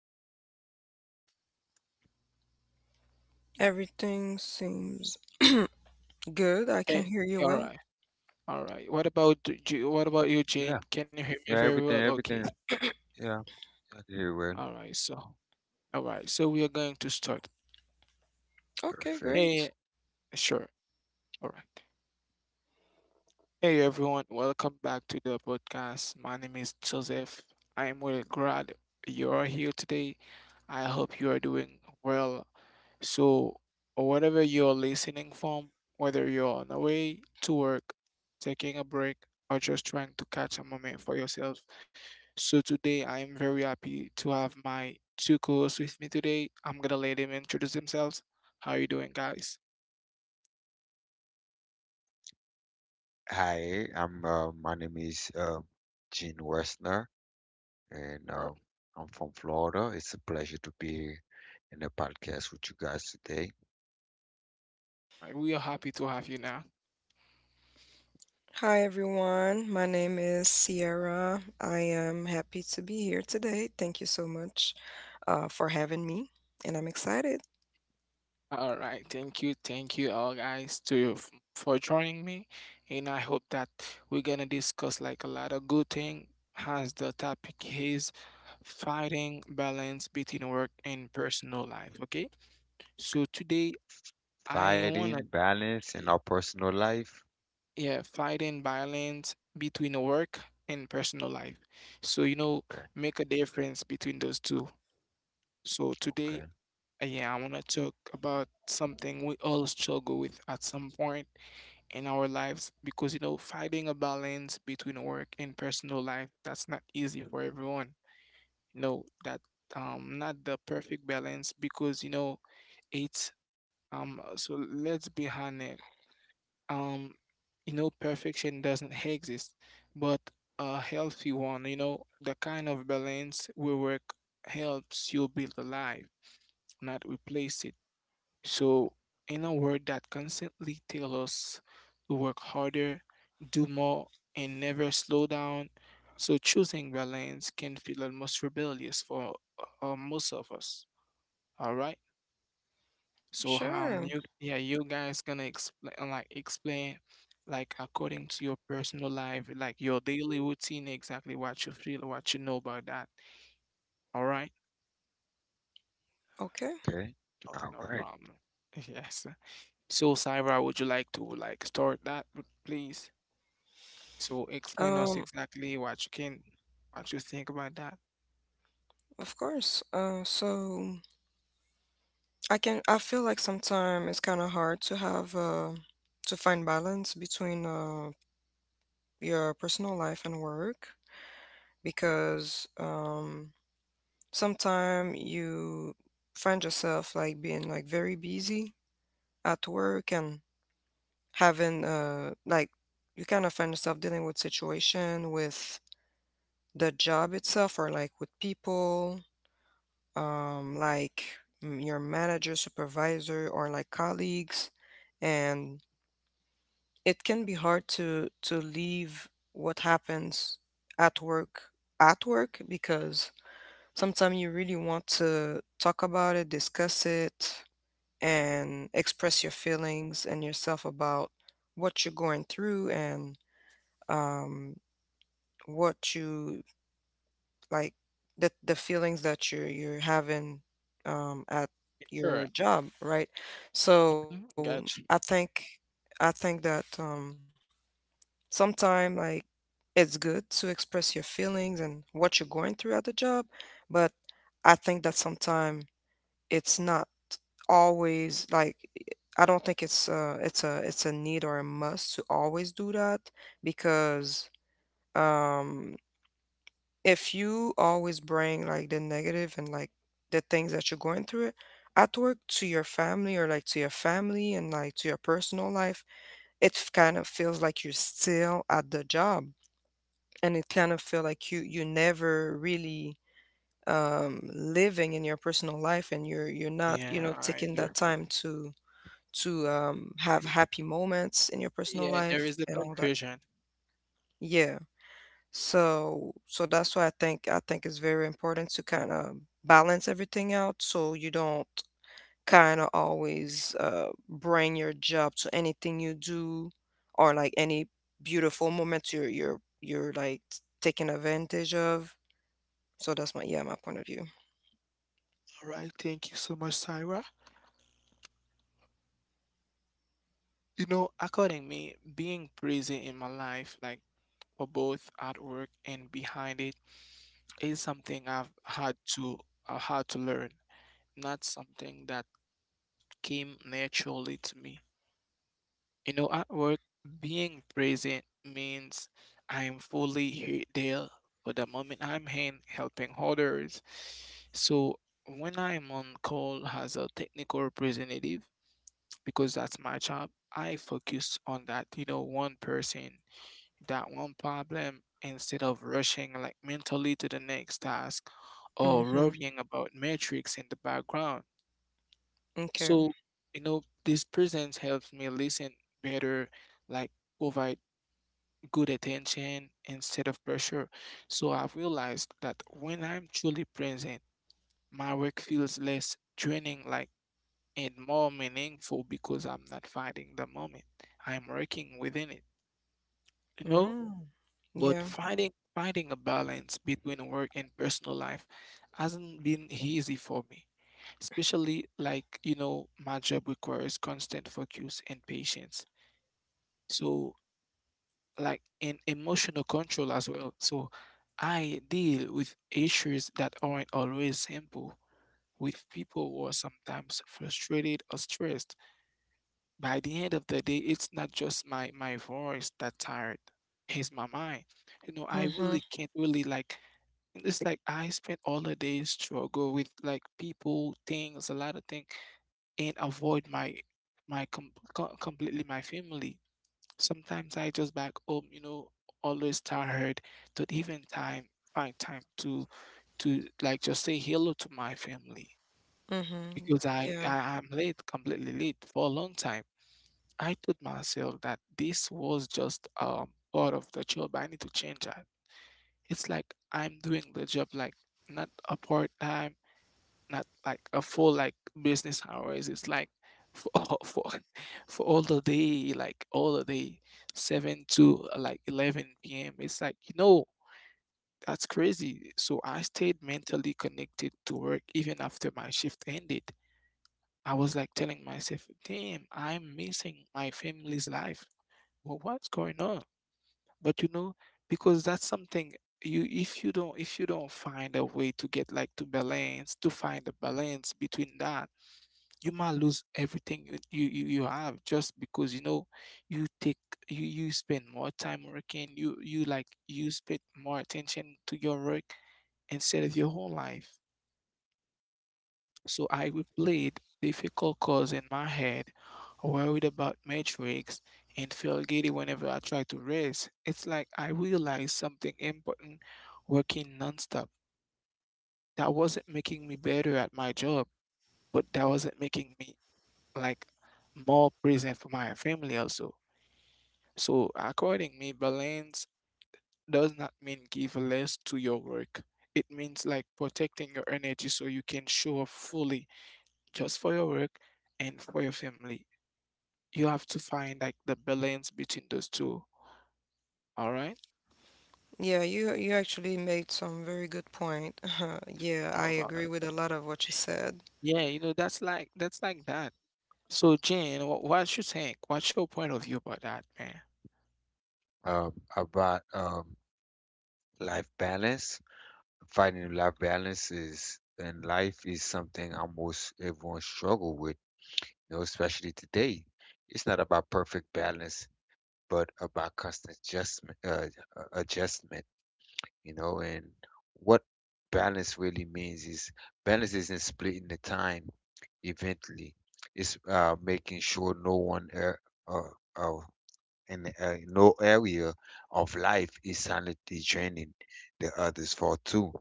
that correct for you? Everything seems good. I can Okay, hear you all well. right, all right. What about you? What about you, Jane? Yeah, Can you hear me yeah, very everything, well? Okay, everything. Yeah. I did it well. all right. All right. So we are going to start. Okay, Perfect. great. Hey, sure. All right. Hey, everyone. Welcome back to the podcast. My name is Joseph. I am really glad you are here today. I hope you are doing well. So, whatever you're listening from, whether you're on the way to work, taking a break, or just trying to catch a moment for yourself. So, today I am very happy to have my two co hosts with me today. I'm gonna let them introduce themselves. How you doing, guys? Hi, I'm my name is Gene Westner, and Uh, I'm from Florida. It's a pleasure to be here in the podcast with you guys today. We are happy to have you now. Hi, everyone. My name is Sierra. I am happy to be here today. Thank you so much for having me, and I'm excited. All right, thank you, all guys, to for joining me, and I hope that we're gonna discuss like a lot of good thing as the topic is fighting balance between work and personal life. Okay, so today I wanna, Fighting, balance, in our personal life. yeah, fighting balance between work and personal life. So you know Okay. make a difference between those two. So today Okay. Yeah, I wanna talk about something we all struggle with at some point in our lives because you know finding a balance between work and personal life, that's not easy for everyone. No, that not the perfect balance because you know It's so let's be honest. Um, you know, perfection doesn't exist, but a healthy one, you know, the kind of balance where work helps you build a life, not replace it. So in a world that constantly tells us to work harder, do more, and never slow down, so choosing balance can feel almost rebellious for most of us. All right. So Sure. you, yeah, you guys gonna explain like according to your personal life, like your daily routine, exactly what you feel, what you know about that, all right, Okay. Okay. no, All no right. problem yes, so Sarah, would you like to like start that, please, so explain us Um, exactly what you can, what you think about that. of course. So I can. I feel like sometimes it's kind of hard to have to find balance between your personal life and work because sometimes you find yourself like being like very busy at work and having like you kind of find yourself dealing with situation with the job itself or like with people, like your manager, supervisor or like colleagues, and it can be hard to leave what happens at work at work because sometimes you really want to talk about it, discuss it, and express your feelings and yourself about what you're going through and um, what you like the feelings that you're having at Sure. your job, right? Mhm, So got you. I think that sometime like it's good to express your feelings and what you're going through at the job, but I think that sometimes it's not always like I don't think it's it's a need or a must to always do that because um if you always bring like the negative and like the things that you're going through it at work to your family or like to your family and like to your personal life, it kind of feels like you're still at the job, and it kind of feel like you never really living in your personal life, and you're not, you Yeah, know, I taking that understand. time to have happy moments in your personal Yeah, there life is the and all that. confusion. Yeah. So so that's why I think it's very important to kind of balance everything out, so you don't kind of always bring your job to anything you do or like any beautiful moments you're like taking advantage of. So that's my yeah my point of view. All right, thank you so much, Sarah. You know, according me, being busy in my life, like for both at work and behind it, is something I had to learn. Not something that came naturally to me. You know, at work, being present means I am fully here there for the moment I'm in helping others. So when I'm on call as a technical representative, because that's my job, I focus on that, you know, one person, that one problem, instead of rushing like mentally to the next task or Mm-hmm. worrying about metrics in the background. Okay. So, you know, this presence helps me listen better, like provide good attention instead of pressure. So I've realized that when I'm truly present, my work feels less draining, like, and more meaningful because I'm not fighting the moment. I'm working within it. You know, Mm. but Yeah. finding a balance between work and personal life hasn't been easy for me, especially like, you know, my job requires constant focus and patience. So, like, and emotional control as well. So, I deal with issues that aren't always simple with people who are sometimes frustrated or stressed. By the end of the day, it's not just my voice that's tired, it's my mind. You know, I Mm-hmm. really can't really like. It's like I spent all the day struggle with like people, things, a lot of things, and avoid my completely my family. Sometimes I just back home, you know, always tired, don't even time find time to like just say hello to my family Mm-hmm. because Yeah. I'm late, completely late for a long time. I told myself that this was just part of the job. I need to change that. It's like I'm doing the job like not a part time, not like a full like business hours. It's like for for for all the day, like all the day, seven to like 11 p.m. It's like you know that's crazy. So I stayed mentally connected to work even after my shift ended. I was like telling myself, "Damn, I'm missing my family's life. Well, what's going on?" But you know, because that's something, you if you don't find a way to get like to balance to find a balance between that, you might lose everything you, you have, just because you know you take, you spend more time working, you spend more attention to your work instead of your whole life. So I replayed difficult calls in my head, worried about metrics, and feel giddy whenever I try to rest. It's like I realized something important: working nonstop, that wasn't making me better at my job, but that wasn't making me like more present for my family also. So according me, balance does not mean give less to your work. It means like protecting your energy so you can show up fully just for your work and for your family. You have to find like the balance between those two. All right? Yeah, you actually made some very good point. Yeah, I No, problem. agree with a lot of what you said. Yeah, you know that's like that. So Jane, what you think? What's your point of view about that, man? About life balance. Finding life balance is and life is something almost everyone struggle with, you know, especially today. It's not about perfect balance, but about constant adjustment, you know, and what balance really means is balance isn't splitting the time. Eventually, it's making sure no one uh, uh, and no area of life is silently draining the others for too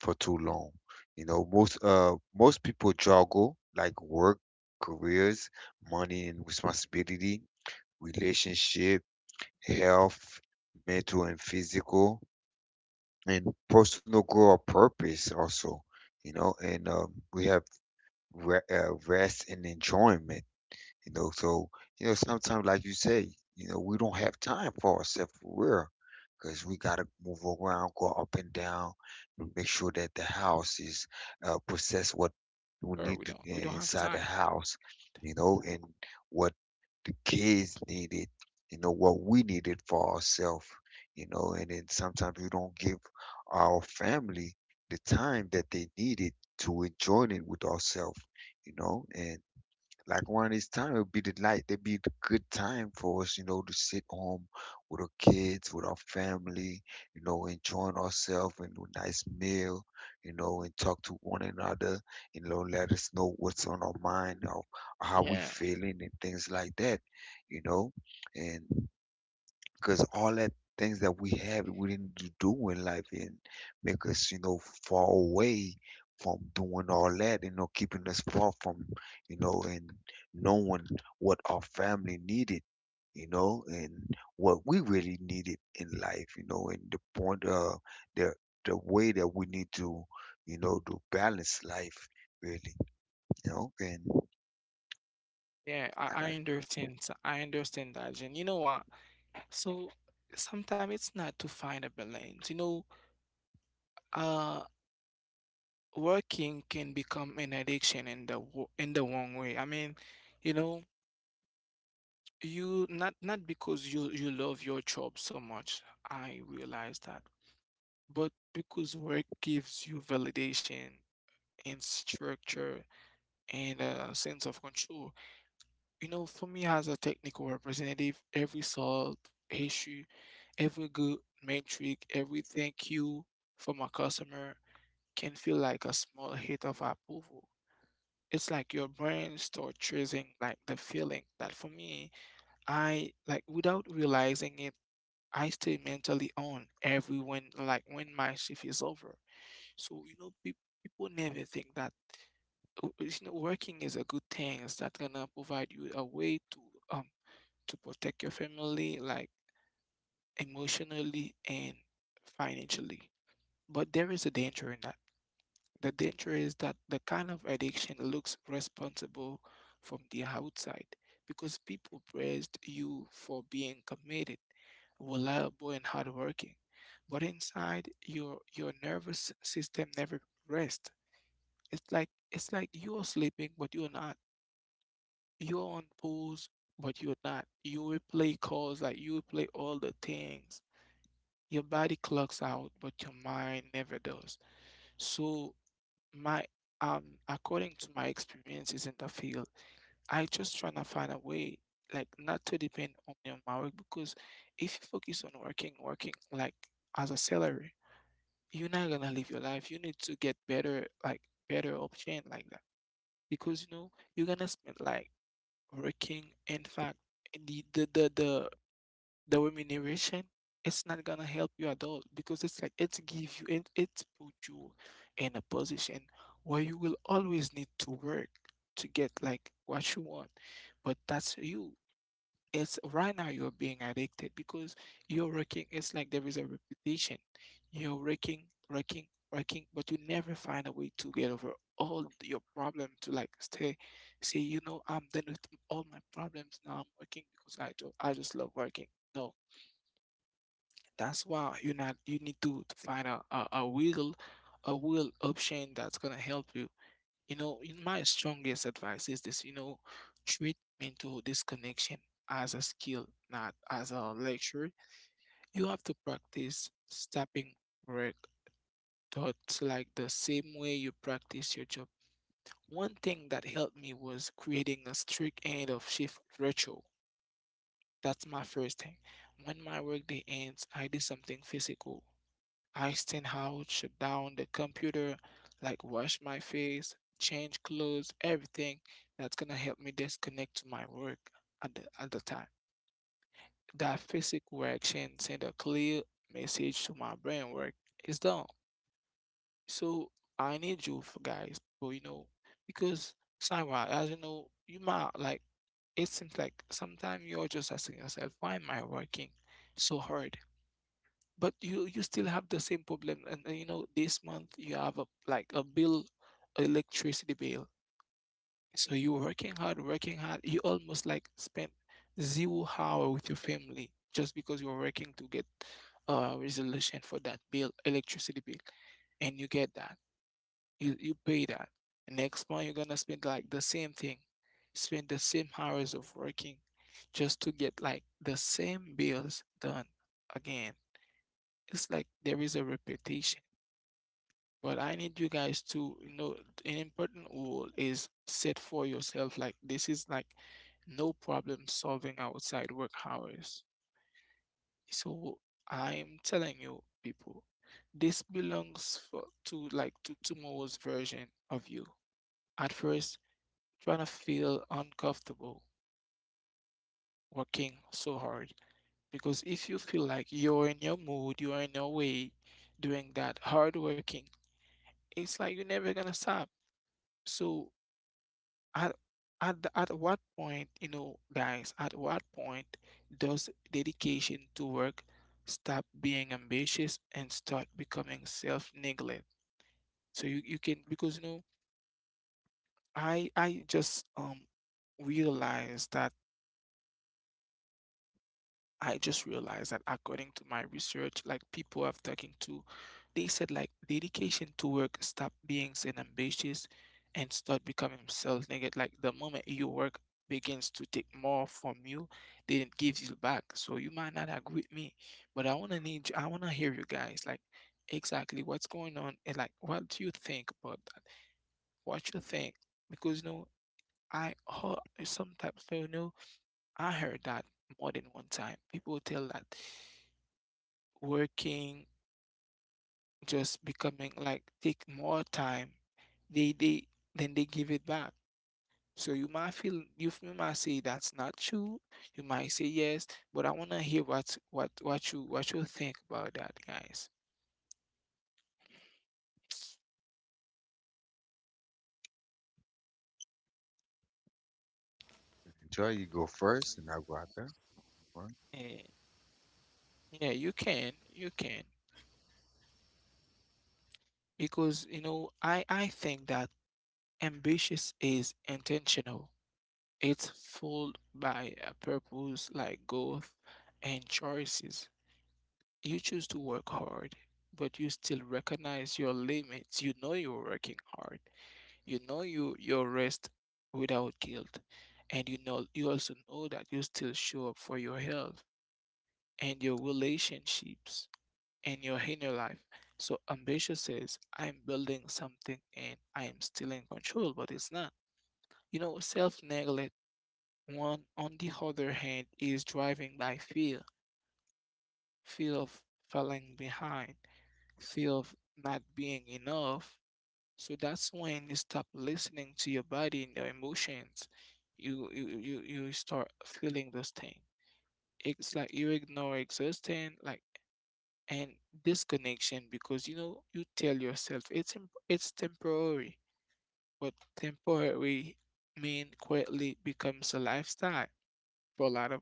for too long. You know, most people juggle like work, careers, money and responsibility, relationship, health, mental and physical, and personal growth or purpose also. You know, and we have rest and enjoyment, you know. So, you know, sometimes, like you say, you know, we don't have time for ourselves for real, because we got to move around, go up and down, and make sure that the Or house is we don't have time. process what we need to, inside the house, you know, and what the kids needed, you know, what we needed for ourselves, you know, and then sometimes we don't give our family the time that they needed to enjoy it with ourselves, you know, and like around this time it would be the it'd be the good time for us, you know, to sit home with our kids, with our family, you know, enjoying ourselves and a nice meal, you know, and talk to one another, you know, let us know what's on our mind or how we Yeah. feeling and things like that, you know. And because all that things that we have we didn't do in life and make us, you know, far away from doing all that, you know, keeping us far from, you know, and knowing what our family needed, you know, and what we really needed in life, you know. And the point the the way that we need to, you know, to balance life, really, you know. And Yeah, I I got understand. I understand that. And you know what? So sometimes it's not to find a balance. You know, uh, working can become an addiction in in the wrong way. I mean, you know, you, not because you love your job so much. I realize that, but because work gives you validation and structure and a sense of control. You know, for me as a technical representative, every solved issue, every good metric, every thank you from a customer can feel like a small hit of approval. It's like your brain starts chasing like the feeling that for me, I like, without realizing it, I stay mentally on every when like when my shift is over. So you know, people never think that w- you know, working is a good thing. It's that gonna provide you a way um to protect your family, like emotionally and financially. But there is a danger in that. The danger is that the kind of addiction looks responsible from the outside because people praised you for being committed, reliable, and hardworking. But inside, your nervous system never rests. It's like, it's like you are sleeping, but you're not. You're on pause, but you're not. You will play calls, like you will play all the things. Your body clocks out, but your mind never does. So my according to my experiences in the field, I just trying to find a way like not to depend only on my work because if you focus on working, working like as a salary, you're not gonna live your life. You need to get better, like better option like that. Because you know, you're gonna spend like working, in fact, the the the the, the remuneration, it's not gonna help you at all because it's like it give you and it put you in a position where you will always need to work to get like what you want. But that's you. It's right now you're being addicted because you're working. It's like there is a repetition. You're working, working, working, but you never find a way to get over all your problem to like stay, say, you know, I'm done with all my problems. Now I'm working because I do, I just love working. No, that's why you're not. You need to find a, a real, a wheel option that's gonna help you. You know, in my strongest advice is this, you know, treat mental disconnection as a skill, not as a lecture. You have to practice stopping work thoughts like the same way you practice your job. One thing that helped me was creating a strict end of shift ritual. That's my first thing. When my workday ends, I do something physical, I stand out, shut down the computer, like wash my face, change clothes, everything that's gonna help me disconnect to my work at the time. That physical reaction send a clear message to my brain: work is done. So I need you for guys, but you know, because Sarah, as you know, you might like, it seems like sometimes you're just asking yourself, why am I working so hard? But you still have the same problem, and you know, this month you have a like a bill, electricity bill. So you're working hard, working hard, you almost like spend 0 hours with your family just because you're working to get a resolution for that bill, electricity bill. And you get that, you pay that. Next month you're gonna spend like the same thing, spend the same hours of working just to get like the same bills done again. It's like there is a repetition. But I need you guys to, you know, an important rule is set for yourself. Like this is like no problem solving outside work hours. So I'm telling you, people, this belongs for, to like to tomorrow's version of you. At first, trying to feel uncomfortable working so hard. Because if you feel like you're in your mood, you're in your way doing that hard working, it's like you're never gonna stop. So At at what point, you know, guys, at what point does dedication to work stop being ambitious and start becoming self-neglect? So you can because you know, I just realized that I just realized that according to my research, like people I've talking to, they said like dedication to work stop being an ambitious and start becoming self-negative. Like the moment your work begins to take more from you, then it gives you back. So you might not agree with me, but I wanna need you, I wanna hear you guys like exactly what's going on and like what do you think about that? What you think? Because you know, I heard sometimes, you know, I heard that more than one time. People tell that working just becoming like take more time. They then they give it back. So you might feel you you might say that's not true. You might say yes, but I wanna hear what you what you think about that, guys. Joy, you go first, and I'll go after. Go on. Eh, yeah, you can, because you know, I think that ambitious is intentional. It's fueled by a purpose like growth and choices. You choose to work hard, but you still recognize your limits. You know you're working hard. You know you your rest without guilt, and you know you also know that you still show up for your health and your relationships. In your life. So ambition says, I'm building something and I am still in control, but it's not. You know, self-neglect, one on the other hand, is driving by fear, fear of falling behind, fear of not being enough. So that's when you stop listening to your body and your emotions. You start feeling those things. It's like you ignore existing, like and disconnection because you know you tell yourself it's temporary, but temporary mean quietly becomes a lifestyle for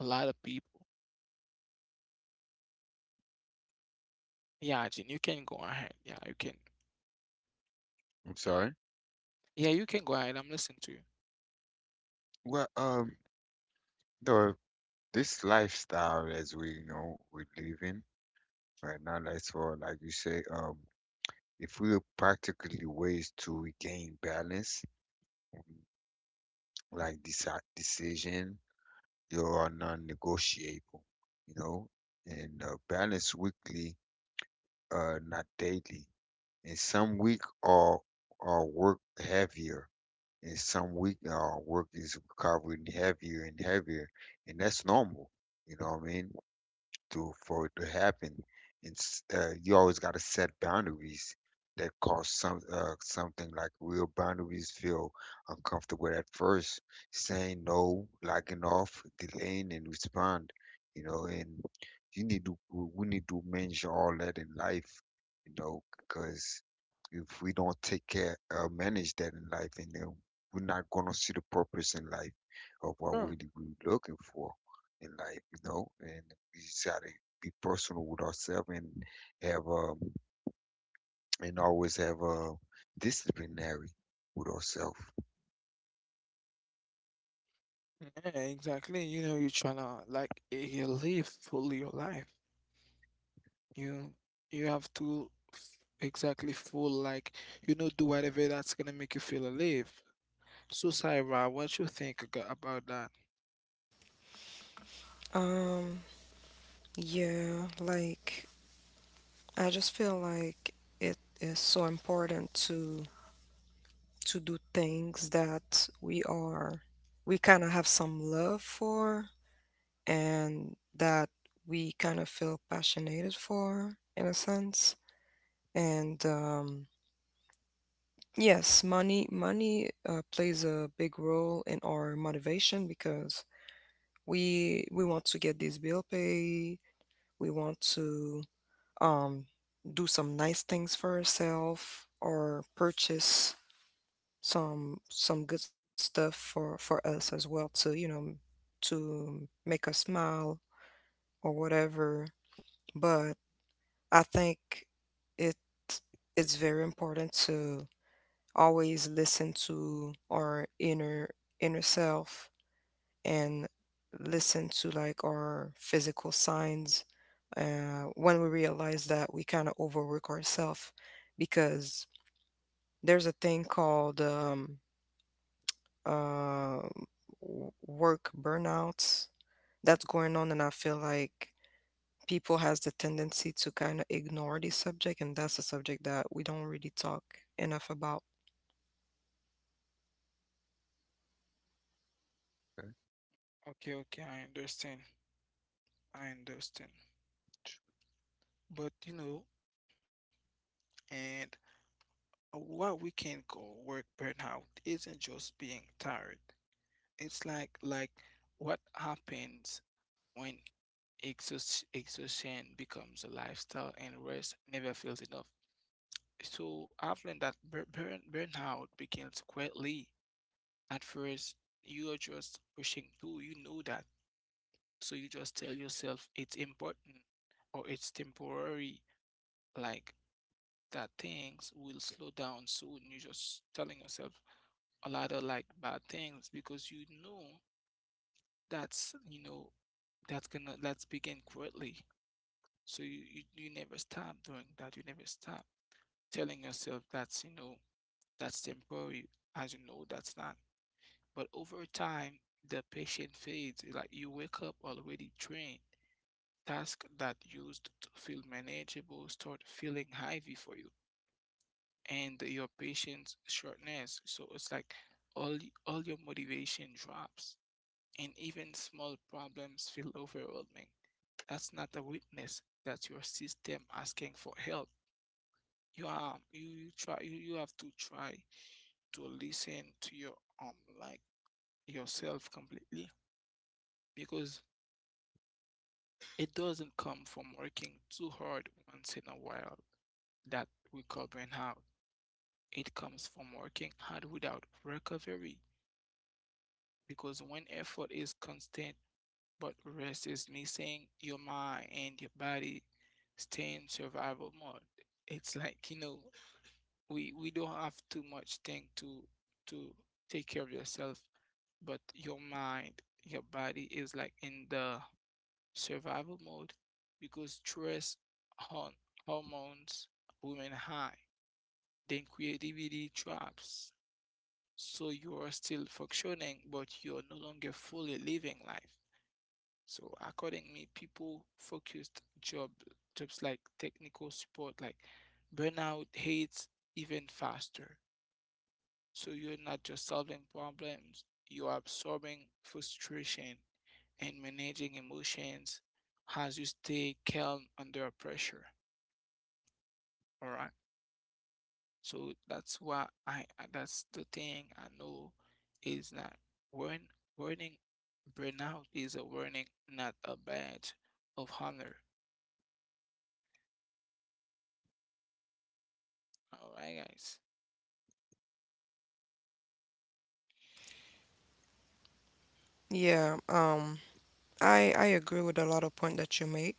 a lot of people. Yeah, Jin, you can go ahead, yeah, you can. I'm sorry. Yeah, you can go ahead, I'm listening to you. Well, no, this lifestyle as we know we live in right now, that's for like you say, if we look practically ways to regain balance, like this decision, you are non-negotiable, you know. And balance weekly, not daily, and some week are work heavier and some week our work is recovering heavier and heavier, and that's normal, you know what I mean, to for it to happen. It's You always got to set boundaries. That cause some something like real boundaries feel uncomfortable at first. Saying no, locking off, delaying, and respond. You know, and you need to, we need to manage all that in life. You know, because if we don't take care or manage that in life, and then we're not gonna see the purpose in life of what we Sure. we're looking for in life, you know. And we just gotta be personal with ourselves and have and always have a disciplinary with ourselves. Yeah, exactly, you know, you're trying to like live fully your life. you you have to exactly full, like, you know, do whatever that's gonna make you feel alive. So, Saira, what you think about that? Um, yeah, like I just feel like it is so important to do things that we are we kind of have some love for and that we kind of feel passionate for in a sense. And yes, money plays a big role in our motivation because we want to get this bill paid, we want to um do some nice things for ourselves or purchase some good stuff for us as well, to, you know, to make us smile or whatever. But I think it it's very important to always listen to our inner self and listen to like our physical signs when we realize that we kind of overwork ourselves because there's a thing called uh, work burnouts that's going on, and I feel like people has the tendency to kind of ignore this subject, and that's a subject that we don't really talk enough about. Okay. Okay, okay, I understand. I understand. But you know, and what we can call work burnout isn't just being tired. It's like what happens when exhaustion becomes a lifestyle and rest never feels enough. So I've learned that burnout begins quietly. At first, you are just pushing through. You know that. So you just tell yourself it's important or it's temporary. Like that things will slow down soon. You're just telling yourself a lot of like bad things because you know that's gonna let's begin quickly. So you, you never stop doing that. You never stop telling yourself that's you know that's temporary, as you know that's not. But over time, the patient fades. Like you wake up already trained. Tasks that used to feel manageable start feeling heavy for you. And your patience shortness. So it's like all all your motivation drops, and even small problems feel overwhelming. That's not a weakness. That's your system asking for help. You are you, you have to try to listen to your um like yourself completely because it doesn't come from working too hard once in a while that we call burnout. It comes from working hard without recovery because when effort is constant but rest is missing, your mind and your body stay in survival mode. It's like, you know, we don't have too much thing to to take care of yourself, but your mind, your body is like in the survival mode because stress hon- hormones women high, then creativity traps. So you are still functioning, but you're no longer fully living life. So accordingly, people focused jobs like technical support, like burnout hits even faster. So you're not just solving problems, you are absorbing frustration and managing emotions as you stay calm under pressure. All right. So that's why I that's the thing I know is that warn warning, burnout is a warning, not a badge of honor. All right, guys. Yeah, I agree with a lot of point that you make.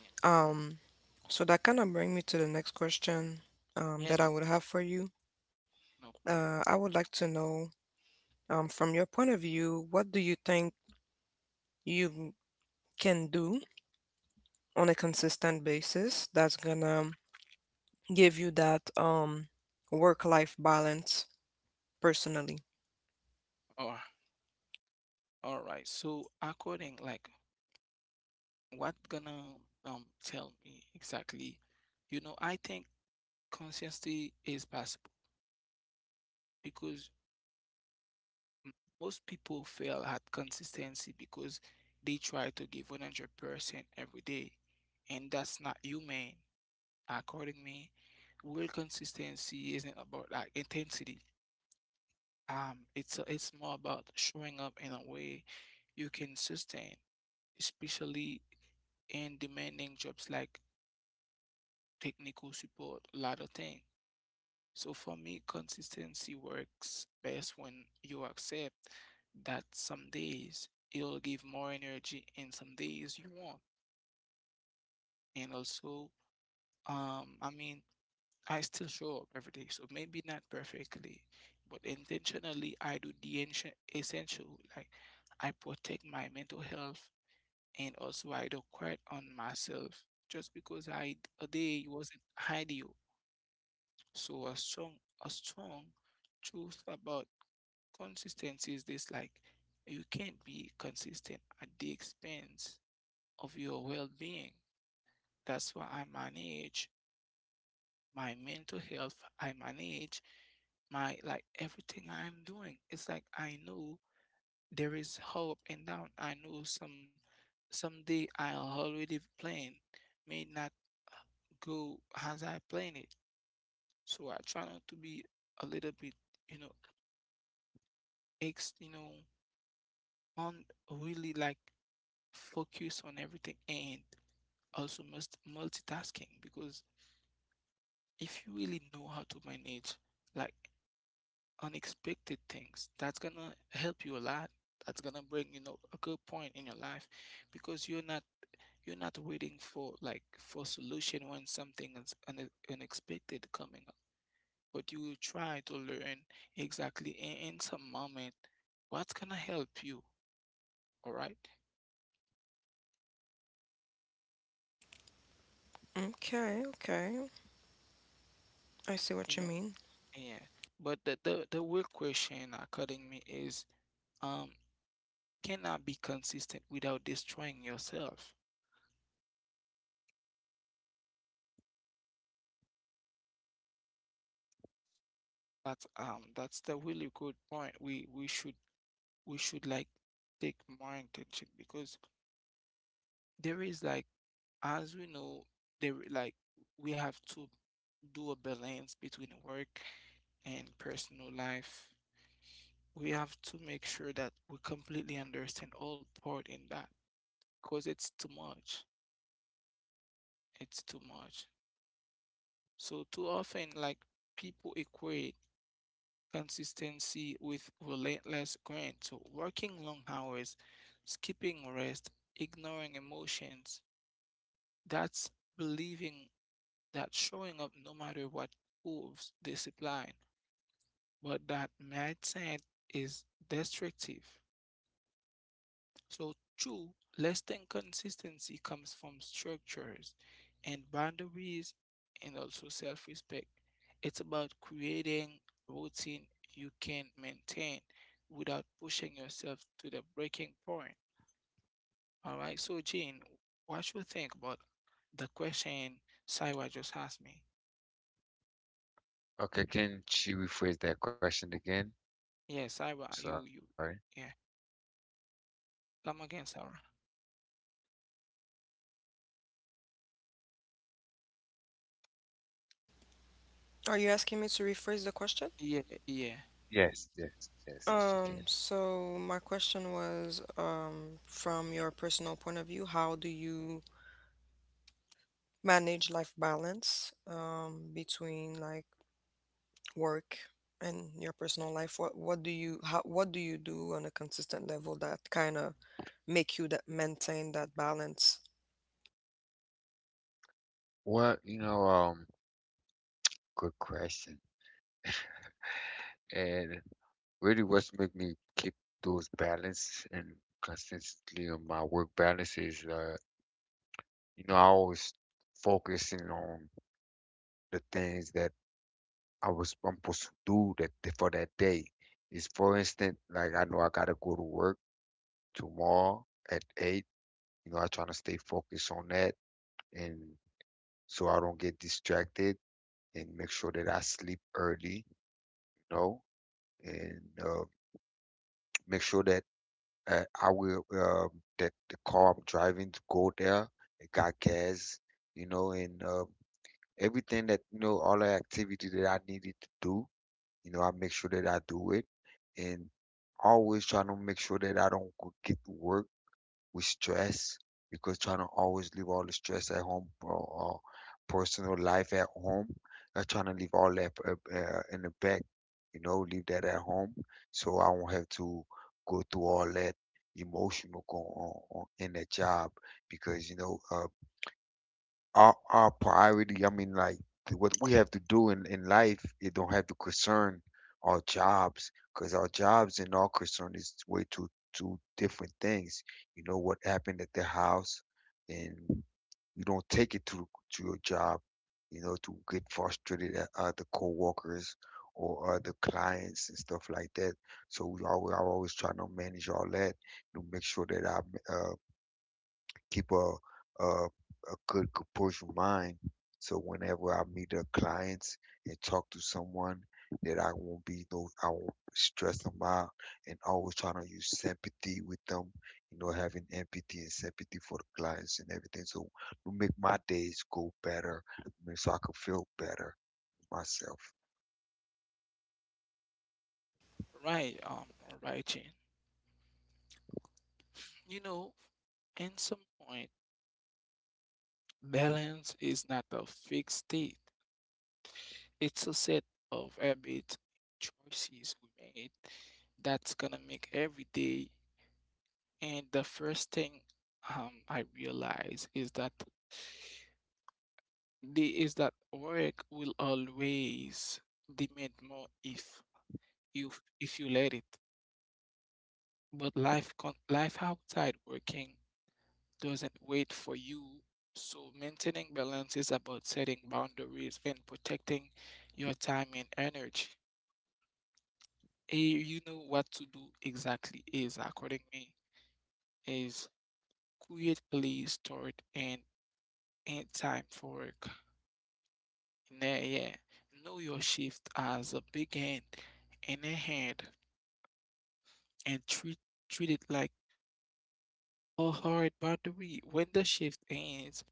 Yeah, Um, so that kind of brings me to the next question yeah, that I no, would have for you. no I problem. would like to know, from your point of view, what do you think you can do on a consistent basis that's gonna give you that work-life balance personally? Oh, all right. So according, like, what gonna tell me exactly? You know, I think consistency is possible because m- most people fail at consistency because they try to give 100% every day, and that's not human. According me, real consistency isn't about like intensity. It's more about showing up in a way you can sustain, especially in demanding jobs like technical support, a lot of things. So for me, consistency works best when you accept that some days you'll give more energy and some days you won't. And also, I mean, I still show up every day. So maybe not perfectly, but intentionally, I do the essential. Like I protect my mental health, and also I don't quit on myself just because I a day wasn't ideal. So a strong truth about consistency is this: like you can't be consistent at the expense of your well-being. That's why I manage my mental health, I manage my like everything I'm doing. It's like I know there is hope and down. I know some someday I'll already plan may not go as I plan it. So I try not to be a little bit, you know, ex you know, on really like focus on everything and also must multitasking because if you really know how to manage like unexpected things. That's gonna help you a lot. That's gonna bring, you know, a good point in your life because you're not waiting for like for solution when something is unexpected coming up. But you will try to learn exactly in some moment what's gonna help you. All right, Okay, okay. I see what you you know, mean. yeah. But the real question cutting me is um can I be consistent without destroying yourself. That's the really good point we should like take more intention because there is like as we know there like we have to do a balance between work and personal life. We have to make sure that we completely understand all part in that because it's too much. It's too much. So too often like people equate consistency with relentless grind. So working long hours, skipping rest, ignoring emotions. That's believing that showing up no matter what proves discipline, but that mindset is destructive. So, true, less than consistency comes from structures and boundaries and also self respect. It's about creating routine you can maintain without pushing yourself to the breaking point. All right, so, Jane, what you think about the question Saiwa just asked me? Okay, can she rephrase that question again? Yeah, Sarah, Sorry. you, yeah, come again, Sarah. Are you asking me to rephrase the question? Yeah, yeah, Yes, yes, yes, if she can. So my question was, from your personal point of view, how do you manage life balance between like work and your personal life? What do you, how, what do you do on a consistent level that kind of make you that maintain that balance? Well, you know, good question. And really, what's make me keep those balance and consistently on my work balance is, you know, I always focusing on the things that I was supposed to do that for that day. Is for instance, like I know I gotta go to work tomorrow at eight. You know, I trying to stay focused on that, and so I don't get distracted, and make sure that I sleep early. You know, and make sure that I will the car I'm driving to go there. It got gas, you know, and everything that, you know, all the activity that I needed to do, you know, I make sure that I do it, and always trying to make sure that I don't go get to work with stress, because trying to always leave all the stress at home, or personal life at home. Not trying to leave all that in the back, you know, leave that at home so I won't have to go through all that emotional going on in the job, because you know, our priority, I mean, like what we have to do in life, it don't have to concern our jobs, because our jobs and our concern is way two different things. You know what happened at the house, and you don't take it to your job, you know, to get frustrated at other coworkers or other clients and stuff like that. So we always, I always trying to manage all that to make sure that I, keep a good composure mind. So whenever I meet a clients and talk to someone, that I won't be no, I won't stress them out, and always trying to use sympathy with them. You know, having empathy and sympathy for the clients and everything, so to make my days go better, I mean, so I can feel better myself. right. Right, Jane. You know, in some point, balance is not a fixed state. It's a set of habits, choices we made that's gonna make every day. And the first thing I realize is that the is that work will always demand more you if you let it. But life outside working doesn't wait for you. So maintaining balance is about setting boundaries and protecting your time and energy. You know what to do exactly is, according me, is create place, start, and end time for work. Nah, yeah. Know your shift as a big end and a hand and treat it like a hard boundary. When the shift ends,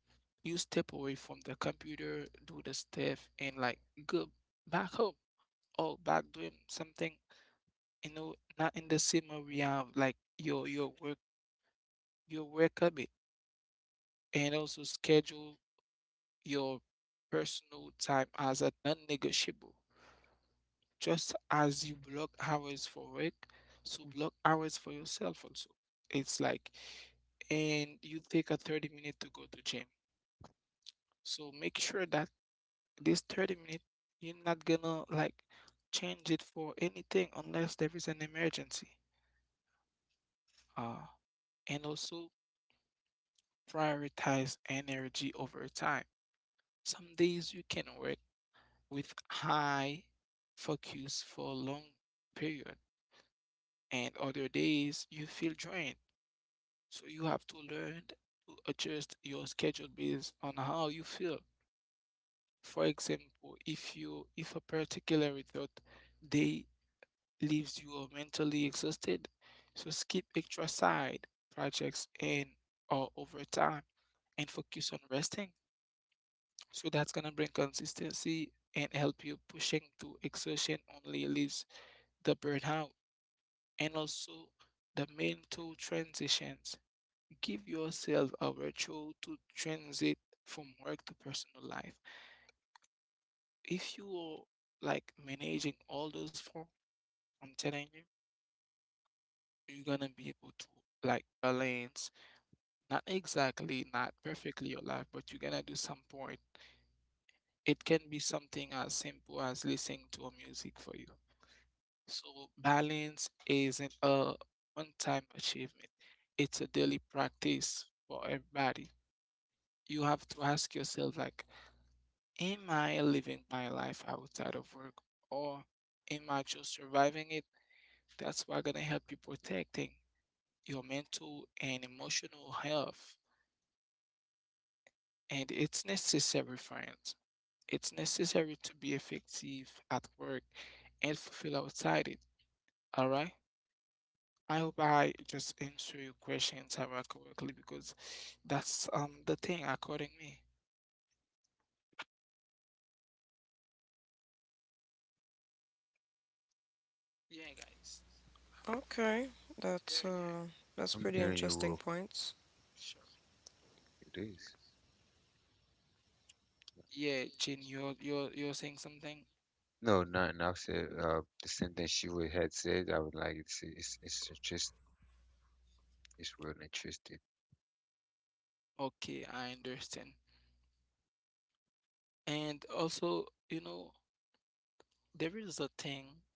you step away from the computer, do the stuff, and like go back home or back doing something, you know, not in the same area of like your work habit, and also schedule your personal time as a non-negotiable. Just as you block hours for work, so block hours for yourself also. It's like, and you take a 30 minute to go to gym. So make sure that this 30-minute you're not gonna like change it for anything unless there is an emergency, uh and also prioritize energy over time. Some days you can work with high focus for a long period, and other days you feel drained, so you have to learn to adjust your schedule based on how you feel. For example, if a particular thought day leaves you are mentally exhausted. So skip extra side projects and or overtime and focus on resting. So that's gonna bring consistency and help you pushing through exhaustion only leaves the burnout. And also the mental transitions. Give yourself a ritual to transit from work to personal life. If you are like managing all those forms, I'm telling you, you're gonna be able to like balance not exactly, not perfectly your life, but you're gonna do some point. It can be something as simple as listening to a music for you. So balance isn't a one-time achievement. It's a daily practice for everybody. You have to ask yourself like, am I living my life outside of work, or am I just surviving it? That's what gonna help you protecting your mental and emotional health. And it's necessary, friends. It's necessary to be effective at work and fulfill outside it. All right. I hope I just answer your questions Sarah, correctly because that's the thing according me. Yeah, guys. Okay, that's There. uh Yeah. that's I'm pretty hearing you, interesting Wolf. points. Sure. It is. Yeah, Jin, you're saying something. No, nothing. I've said the same thing she would had said. I would like it. It's it's interest. It's real interesting. Okay, I understand. And also, you know, there is a thing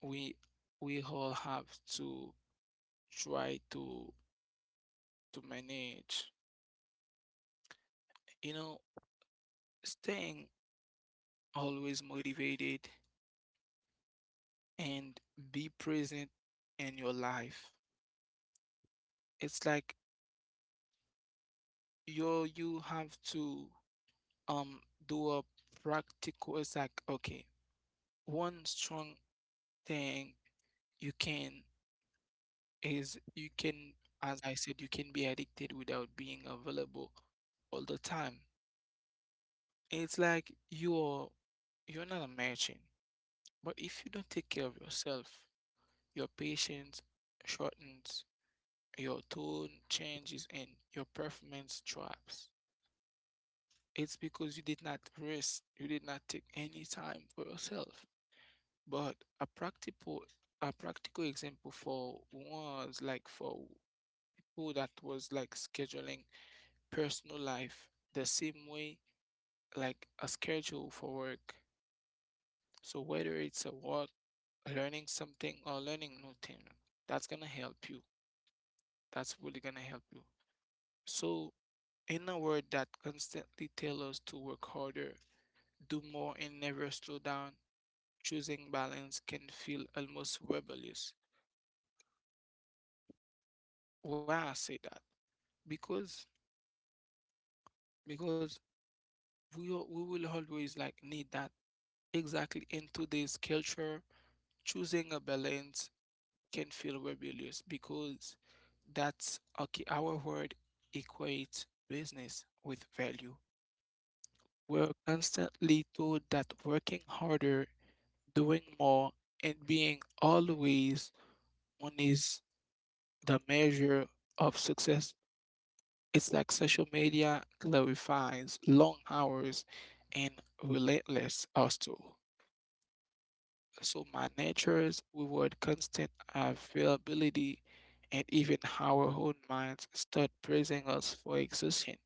we we all have to try to manage. You know, staying always motivated and be present in your life. It's like you have to um do a practical, it's like okay, one strong thing you can is you can, as I said, you can be addicted without being available all the time. It's like you're not a merchant, but if you don't take care of yourself, your patience shortens, your tone changes, and your performance drops. It's because you did not rest, you did not take any time for yourself. But a practical example for was like for who that was like scheduling personal life the same way like a schedule for work. So whether it's a work, learning something or learning new thing, that's gonna help you. That's really gonna help you. So in a world that constantly tells us to work harder, do more, and never slow down, choosing balance can feel almost rebellious. Why I say that? Because because we al- we will always like need that exactly in today's culture. Choosing a balance can feel rebellious because that's okay. Our word equates business with value. We're constantly told that working harder, doing more, and being always on is the measure of success. It's like social media glorifies long hours and relentless hustle. So my natures reward constant availability, and even our own minds start praising us for existing.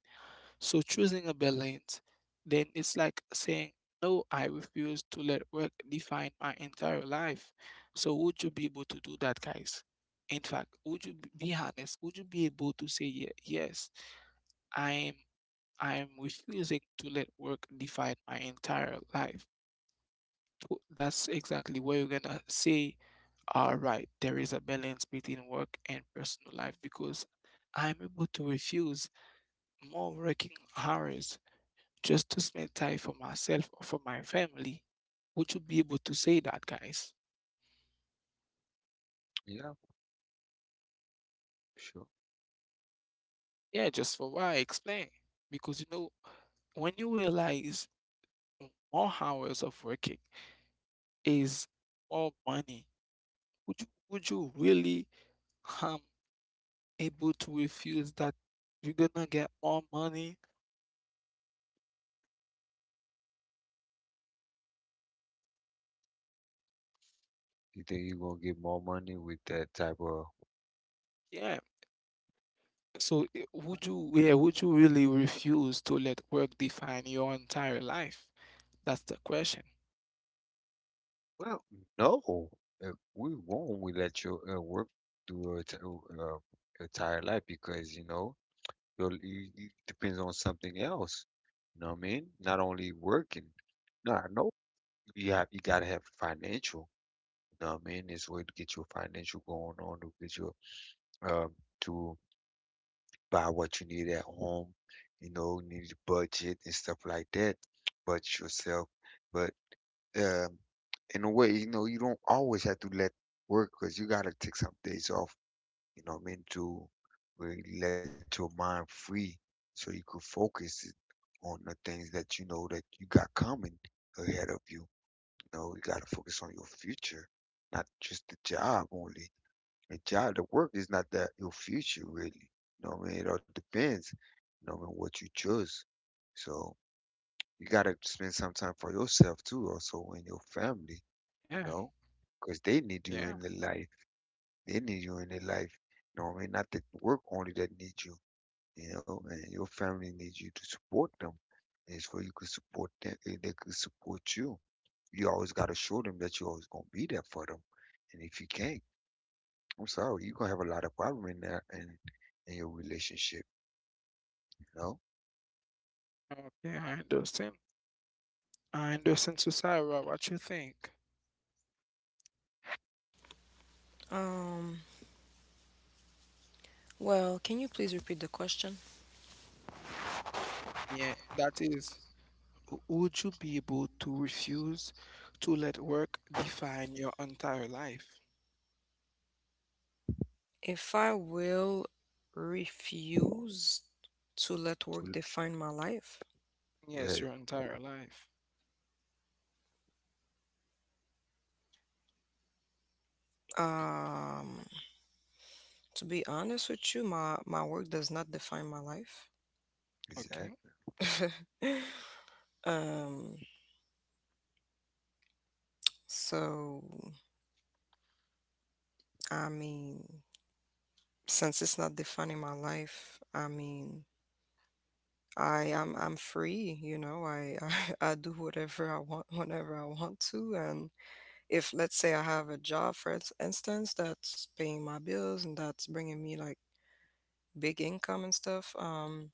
So choosing a balance, then it's like saying, no, I refuse to let work define my entire life. So would you be able to do that, guys? In fact, would you b- be honest? Would you be able to say, yeah, yes, I'm I'm refusing to let work define my entire life? Th- That's exactly where you're gonna say, all right, there is a balance between work and personal life because I'm able to refuse more working hours just to spend time for myself or for my family, would you be able to say that, guys? Yeah. Sure. Yeah, just for why I explain. Because you know, when you realize more hours of working is more money, would you really um able to refuse that you're gonna get more money? They you gonna get more money with that type of. Yeah. So I- would you, yeah, would you really refuse to let work define your entire life? That's the question. Well, no, uh, we won't. We let your work do a entire life, because you know you'll, you depends on something else. You know what I mean? Not only working. No, I know you have you gotta have financial. You know what I mean? It's way to get your financial going on to get your um to buy what you need at home. You know, you need a budget and stuff like that. Budget yourself, but um, in a way, you know, you don't always have to let work because you gotta take some days off, you know what I mean, to really let your mind free so you could focus it on the things that you know that you got coming ahead of you. You know, you gotta focus on your future, not just the job only. The job, the work is not that your future really. You know what I mean? It all depends, you know, on what you choose. So you gotta spend some time for yourself too, also, and your family, you Yeah. know, because they need you Yeah. in their life. They need you in their life. You know what I mean? Not that work only that needs you, you know, and your family needs you to support them. And it's where you can support them, eh, they can support you. You always gotta show them that you're always gonna be there for them. And if you can't, I'm sorry, you're gonna have a lot of problem in that and in your relationship, you know? Okay, I understand. I understand. So, Sarah, what you think? Um, well, can you please repeat the question? Yeah, that is. W- Would you be able to refuse to let work define your entire life? If I will refuse to let work To- define my life. yeah, Yes, your entire life. um to be honest with you, my work does not define my life. Okay. exactly, Um, so I mean, since it's not defining my life, I mean, I'm free, you know. I, I do whatever I want whenever I want to. And if let's say I have a job instance that's paying my bills and that's bringing me like big income and stuff, um,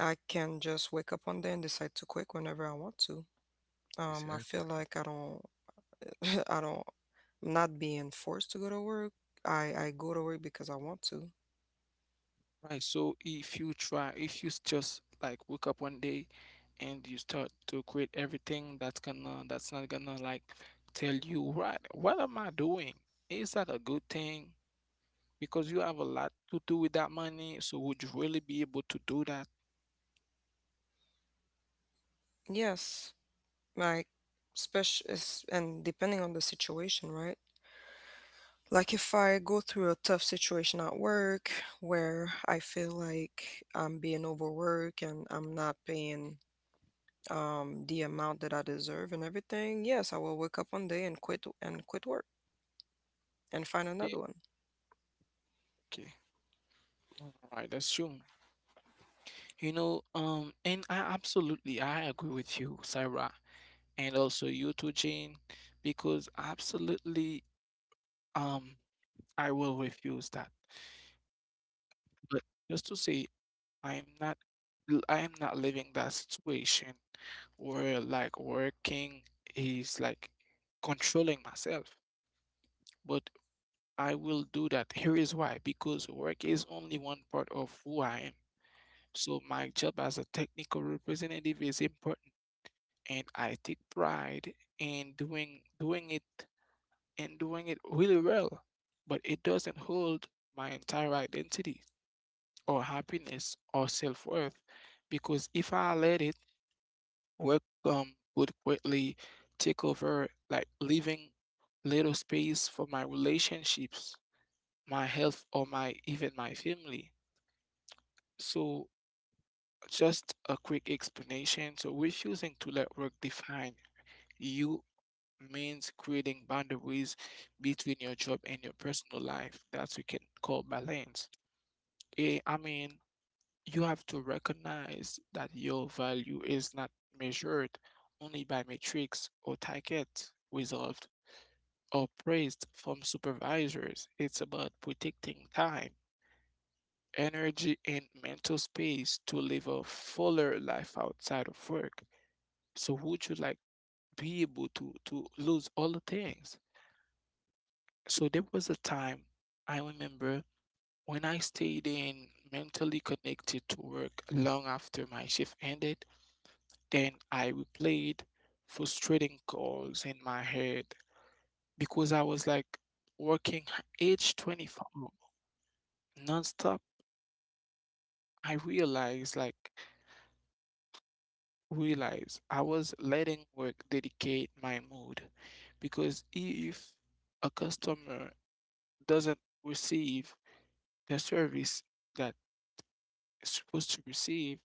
I can just wake up one day and decide to quit whenever I want to. I feel exactly. like I don't, I don't, I'm not being forced to go to work. I go to work because I want to. Right, so if you try, if you s- just like wake up one day and you start to create everything that's gonna, that's not gonna like tell you, right, what am I doing? Is that a good thing? Because you have a lot to do with that money, so would you really be able to do that? Yes, like special, and depending on the situation, right? Like if I go through a tough situation at work where I feel like I'm being overworked and I'm not paying the amount that I deserve and everything, yes, I will wake up one day and quit work and find Yeah, another one. okay. All right, that's true. You know, and I absolutely I agree with you, Sarah, and also you too, Jane, because absolutely, um, I will refuse that. But just to say, I am not, I am not living that situation where like working is like controlling myself. But I will do that. Here is why. Because work is only one part of who I am. So my job as a technical representative is important, and I take pride in doing it and doing it really well. But it doesn't hold my entire identity, or happiness or self-worth, because if I let it, work would quickly take over, like leaving little space for my relationships, my health, or my even my family. So just a quick explanation, so refusing to let work define you means creating boundaries between your job and your personal life that we can call balance. Yeah, I mean, you have to recognize that your value is not measured only by metrics or targets resolved or praised from supervisors. It's about protecting time, energy, and mental space to live a fuller life outside of work. So would you like be able to lose all the things? So there was a time I remember when I stayed in mentally connected to work long after my shift ended. Then I replayed frustrating calls in my head because I was like working age 24 nonstop. I realized I was letting work dictate my mood because if a customer doesn't receive the service that it's supposed to receive,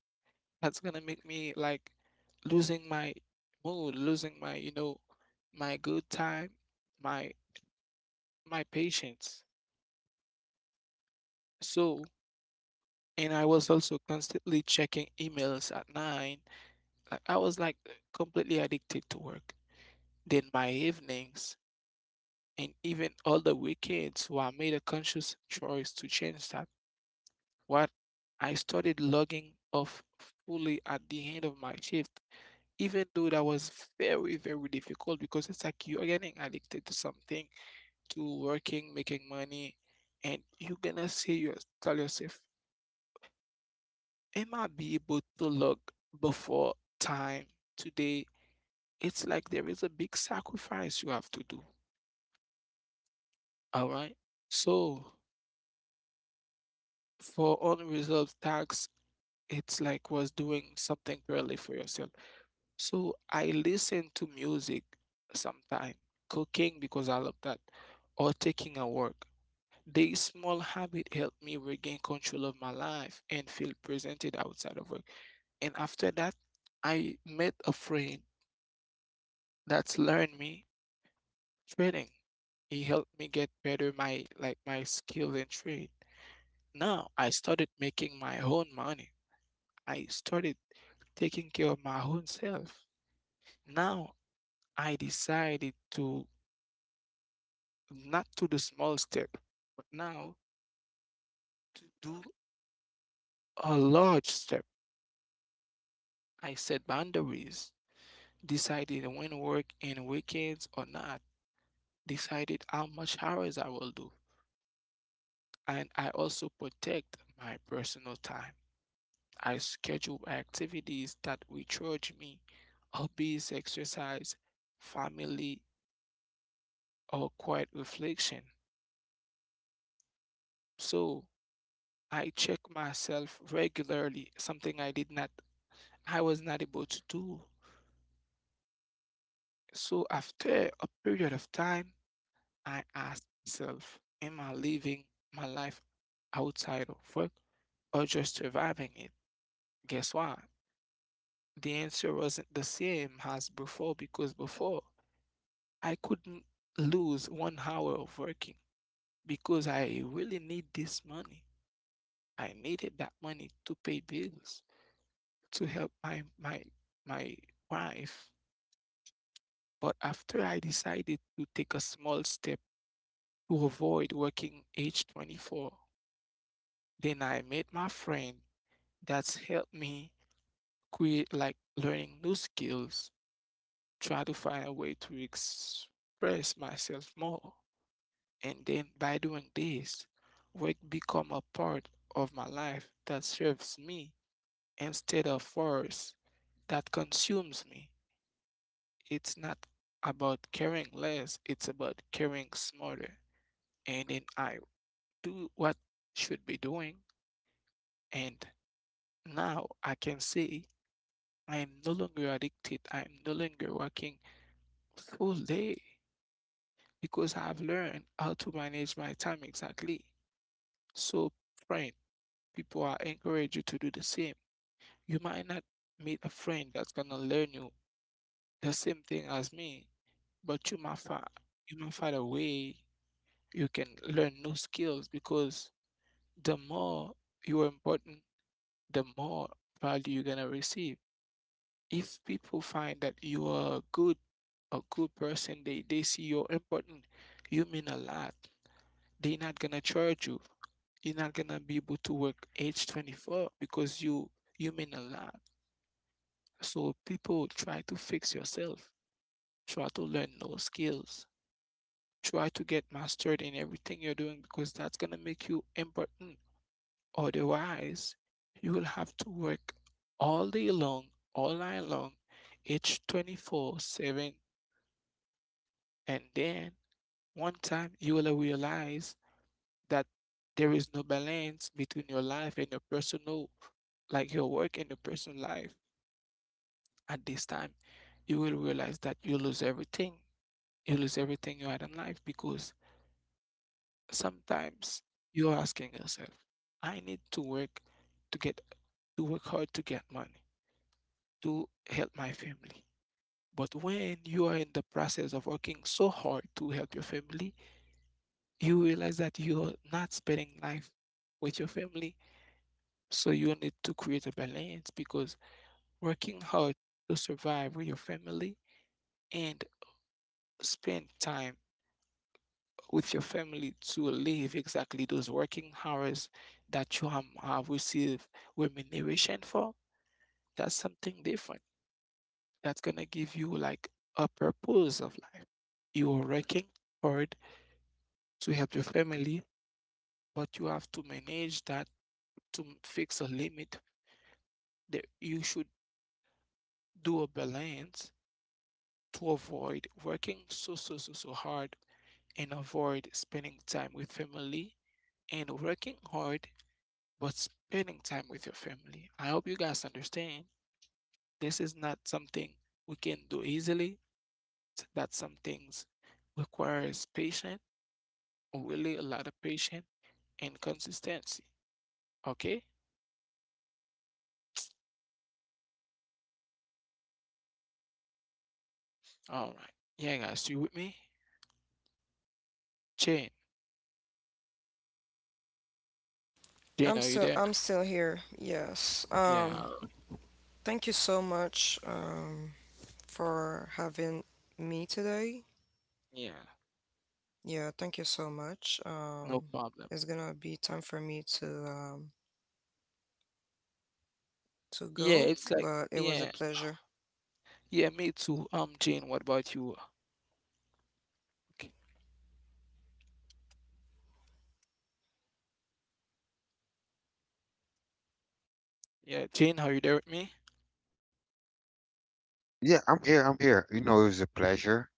that's gonna make me like losing my mood, losing my, you know, my good time, my my patience. So, and I was also constantly checking emails at nine. Like I was like completely addicted to work. Then my evenings and even all the weekends, so I made a conscious choice to change that. What I started logging off fully at the end of my shift, even though that was very, very difficult because it's like you're getting addicted to something, to working, making money, and you're gonna say you tell yourself, am I be able to look before time today? It's like there is a big sacrifice you have to do. All right. So for unresolved tasks, it's like was doing something purely for yourself. So I listen to music sometime, cooking because I love that, or taking a walk. The small habit helped me regain control of my life and feel presented outside of work. And after that, I met a friend that's learned me trading. He helped me get better my like my skill in trade. Now I started making my own money. I started taking care of my own self. Now I decided to not to the small step, but now to do a large step. I set boundaries, decided when work in weekends or not, decided how much hours I will do, and I also protect my personal time. I schedule activities that recharge me, hobbies, exercise, family, or quiet reflection. So I check myself regularly, something I did not, I was not able to do. So after a period of time, I ask myself, am I living my life outside of work or just surviving it? Guess what? The answer wasn't the same as before because before I couldn't lose one hour of working because I really need this money. I needed that money to pay bills, to help my wife. But after I decided to take a small step to avoid working age 24, then I met my friend that's helped me create like learning new skills, try to find a way to express myself more. And then by doing this, work become a part of my life that serves me instead of force that consumes me. It's not about caring less, it's about caring smarter. And then I do what should be doing, and now I can say I am no longer addicted. I am no longer working full day because I've learned how to manage my time exactly. So friend people are encourage you to do the same. You might not meet a friend that's gonna learn you the same thing as me, but you might find, you might find a way you can learn new skills because the more you are important, the more value you're gonna receive. If people find that you are a good person, they see you're important, you mean a lot. They're not gonna charge you. You're not gonna be able to work age 24 because you mean a lot. So people try to fix yourself, try to learn new skills, try to get mastered in everything you're doing because that's gonna make you important. Otherwise, you will have to work all day long, all night long, each 24/7, and then one time you will realize that there is no balance between your life and your personal, like your work and your personal life. At this time, you will realize that you lose everything you had in life because sometimes you're asking yourself, I need to work to get to work hard to get money to help my family. But when you are in the process of working so hard to help your family, you realize that you're not spending life with your family. So you need to create a balance because working hard to survive with your family and spend time with your family to live exactly those working hours that have received remuneration for, that's something different. That's going to give you like a purpose of life. You are working hard to help your family, but you have to manage that to fix a limit that you should do a balance to avoid working so hard and avoid spending time with family and working hard but spending time with your family. I hope you guys understand this is not something we can do easily. That some things requires patience, really a lot of patience and consistency. Okay? All right. Yeah, guys, you with me? Jane. Jane, are you there? I'm still here. Yes. Yeah, Um, all right. thank you so much. Um, for having me today. Yeah. Yeah, thank you so much. No problem. It's gonna be time for me to Yeah, go, it's like but it was a yeah. pleasure. Yeah, me too. Jane, what about you? Okay. Yeah, Jane, are you there with me? Yeah, I'm here. I'm here. You know, it was a pleasure,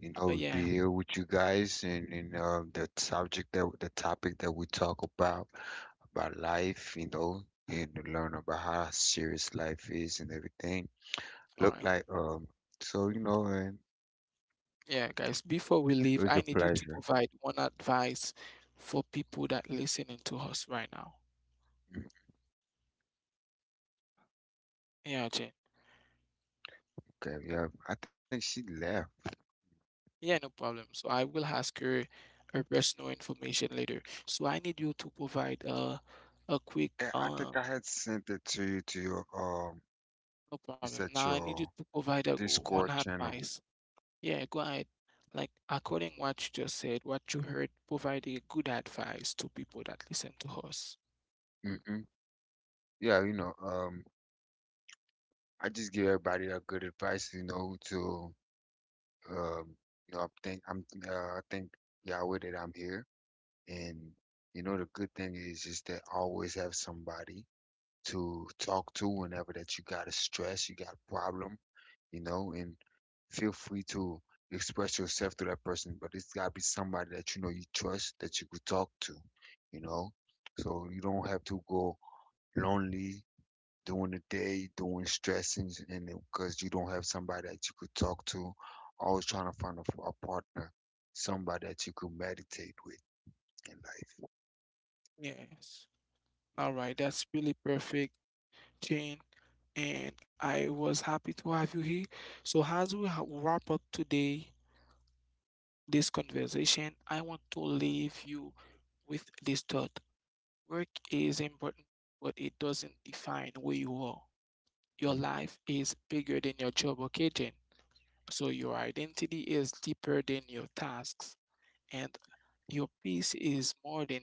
you know, Yeah. be here with you guys, and the subject that the topic that we talk about life, you know, and to learn about how serious life is and everything. All Look right. like so you know, and Yeah, guys, before we it leave, was I a need you to pleasure. provide one advice for people that listening to us right now. Mm. Yeah, Jane. Okay, yeah, I think she left. Yeah, no problem. So I will ask her her personal information later. So I need you to provide a Yeah, quick I think I had sent it to you to your no it's problem. at Now I need your you to provide a Discord one channel. advice. Yeah, go ahead. Like according what you just said, what you heard, provide a good advice to people that listen to us. Mm-mm. Yeah, you know, I just give everybody a good advice, you know, to Um, you know, I think Yahweh that I'm here, and you know the good thing is that I always have somebody to talk to whenever that you got a stress, you got a problem, you know, and feel free to express yourself to that person, but it's got to be somebody that you know you trust that you could talk to, you know, so you don't have to go lonely during the day, doing stressing, and because you don't have somebody that you could talk to, always trying to find a partner, somebody that you could meditate with in life. Yes. All right, that's really perfect. Jane, and I was happy to have you here. So, as we wrap up today, this conversation, I want to leave you with this thought. Work is important, but it doesn't define who you are. Your Mm. life is bigger than your job occasion. So your identity is deeper than your tasks, and your peace is more than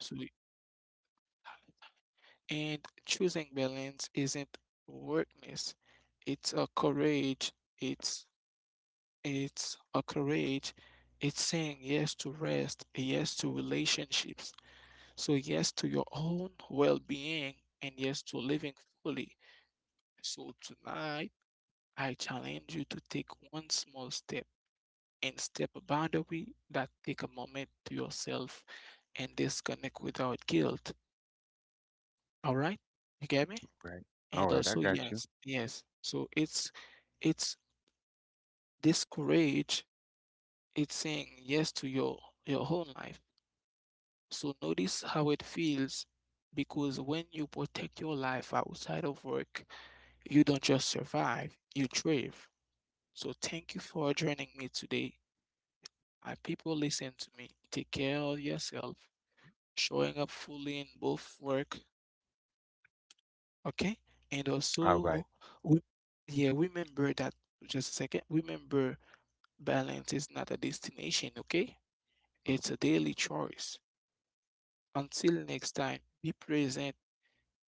so. And choosing balance isn't workness, it's a courage, it's it's a courage. It's saying yes to rest, yes to relationships. So, yes to your own well being, and yes to living fully. So, tonight, I challenge you to take one small step and step a boundary that take a moment to yourself and disconnect without guilt. All right? You get me? Right. All And right, I also, got you. yes, yes. So, it's this courage, it's saying yes to your whole life. So notice how it feels because when you protect your life outside of work, you don't just survive, you thrive. So thank you for joining me today. I people listen to me. Take care of yourself, showing up fully in both work, okay? And All also, right. we, yeah, remember that just a second. Remember, balance is not a destination, okay? Mm. It's a daily choice. Until next time, be present.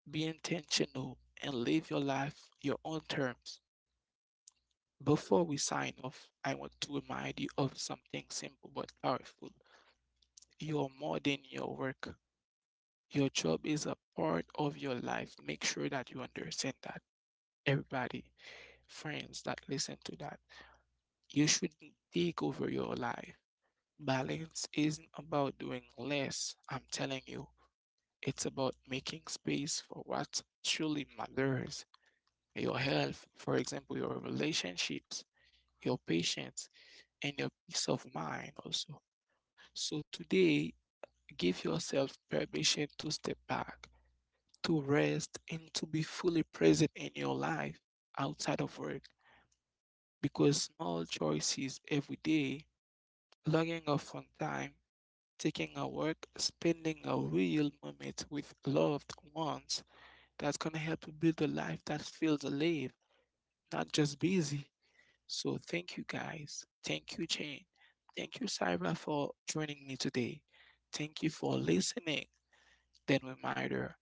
Be intentional and live your life your own terms. Before we sign off, I want to remind you of something simple but powerful. You are more than your work. Your job is a part of your life. Make sure that you understand that. Everybody, friends that listen to that, you shouldn't take over your life. Balance isn't about doing less, I'm telling you. It's about making space for what truly matters. Your health, for example, your relationships, your patience, and your peace of mind also. So today, give yourself permission to step back, to rest, and to be fully present in your life outside of work because small choices every day, logging off on time, taking a walk, spending a real moment with loved ones, that's gonna help you build a life that feels alive, not just busy. So thank you guys. Thank you, Jane. Thank you, Cyber, for joining me today. Thank you for listening. Then reminder,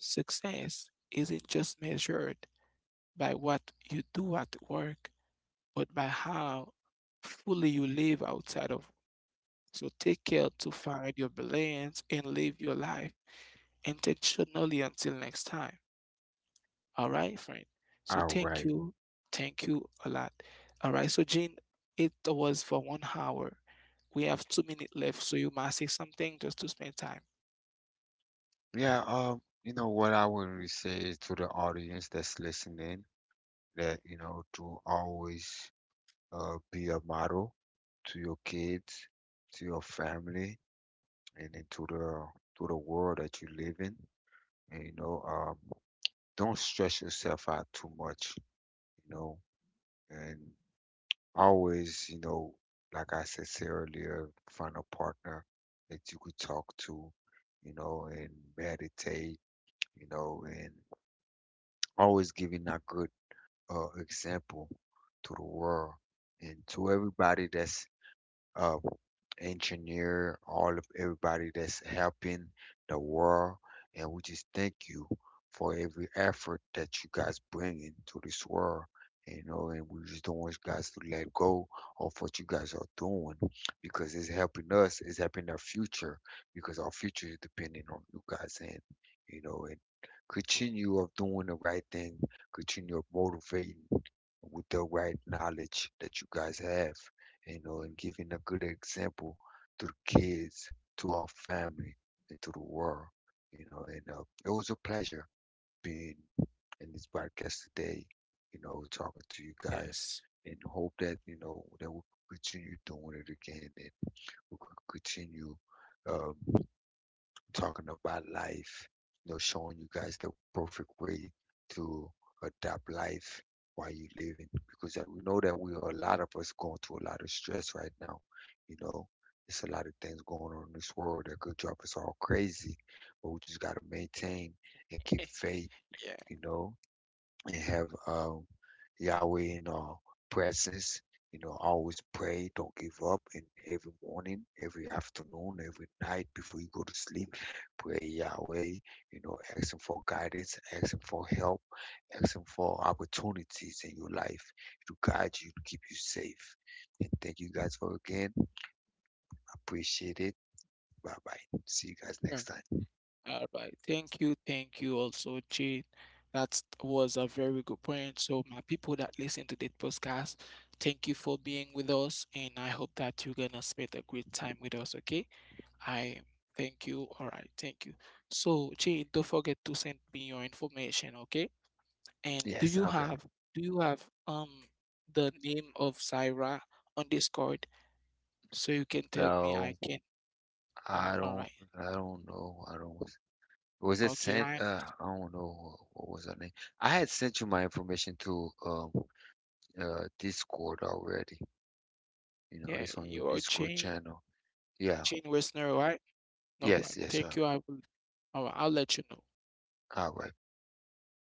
success isn't just measured by what you do at work, but by how fully you live outside of. So take care to find your balance and live your life intentionally until next time. All right, friend. So All thank right. you. Thank you a lot. All right. So Jean, it was for 1 hour. We have 2 minutes left, so you must say something just to spend time. Yeah, you know what I would really say is to the audience that's listening that, Mm. you know, to always be a model to your kids, to your family, and then to the world that you live in. And, you know, don't stress yourself out too much, you know, and always, you know, like I said earlier, find a partner that you could talk to, you know, and meditate, you know, and always giving a good example to the world and to everybody that's uh, engineer, all of everybody that's helping the world. And we just thank you for every effort that you guys bring into this world. You know, and we just don't want you guys to let go of what you guys are doing because it's helping us, it's helping our future, because our future is depending on you guys and you know and continue of doing the right thing, continue of motivating with the right knowledge that you guys have, you know, and giving a good example to the kids, to our family, and to the world, you know. And it was a pleasure being in this podcast today, you know, talking to you Yes. guys, and hope that you know that we will continue doing it again, and we will continue. Um, Talking about life, you know, showing you guys the perfect way to adapt life while you're living. Because we know that we are a lot of us going through a lot of stress right now. You know, it's a lot of things going on in this world that could drop us all crazy, but we just got to maintain and keep yeah. faith, you know, and have Yahweh in our presence. You know, always pray, don't give up. And every morning, every afternoon, every night before you go to sleep, pray Yahweh. You know, ask Him for guidance, ask Him for help, ask Him for opportunities in your life to guide you, to keep you safe. And thank you guys for again. Appreciate it. Bye bye. See you guys Sure. next time. All right. Thank you. Thank you also, Jane. That was a very good point. So, my people that listen to this podcast, thank you for being with us. And I hope that you're going to spend a great time with us. Okay. I thank you. All right, thank you. So, Jay, don't forget to send me your information, okay? And Yes. Okay. Do you have the name of Zaira on Discord so you can tell me I No, can I all don't. right. I don't know. I don't. Was it Okay, sent? I I don't know what was her name. I had sent you my information to Discord already. You yeah, know, it's on your you're Jane. Discord channel. Yeah. Jane Westner, all right? No problem. Yes, yes, Thank sir. you. I will all right, I'll let you know. All right. Appreciate it.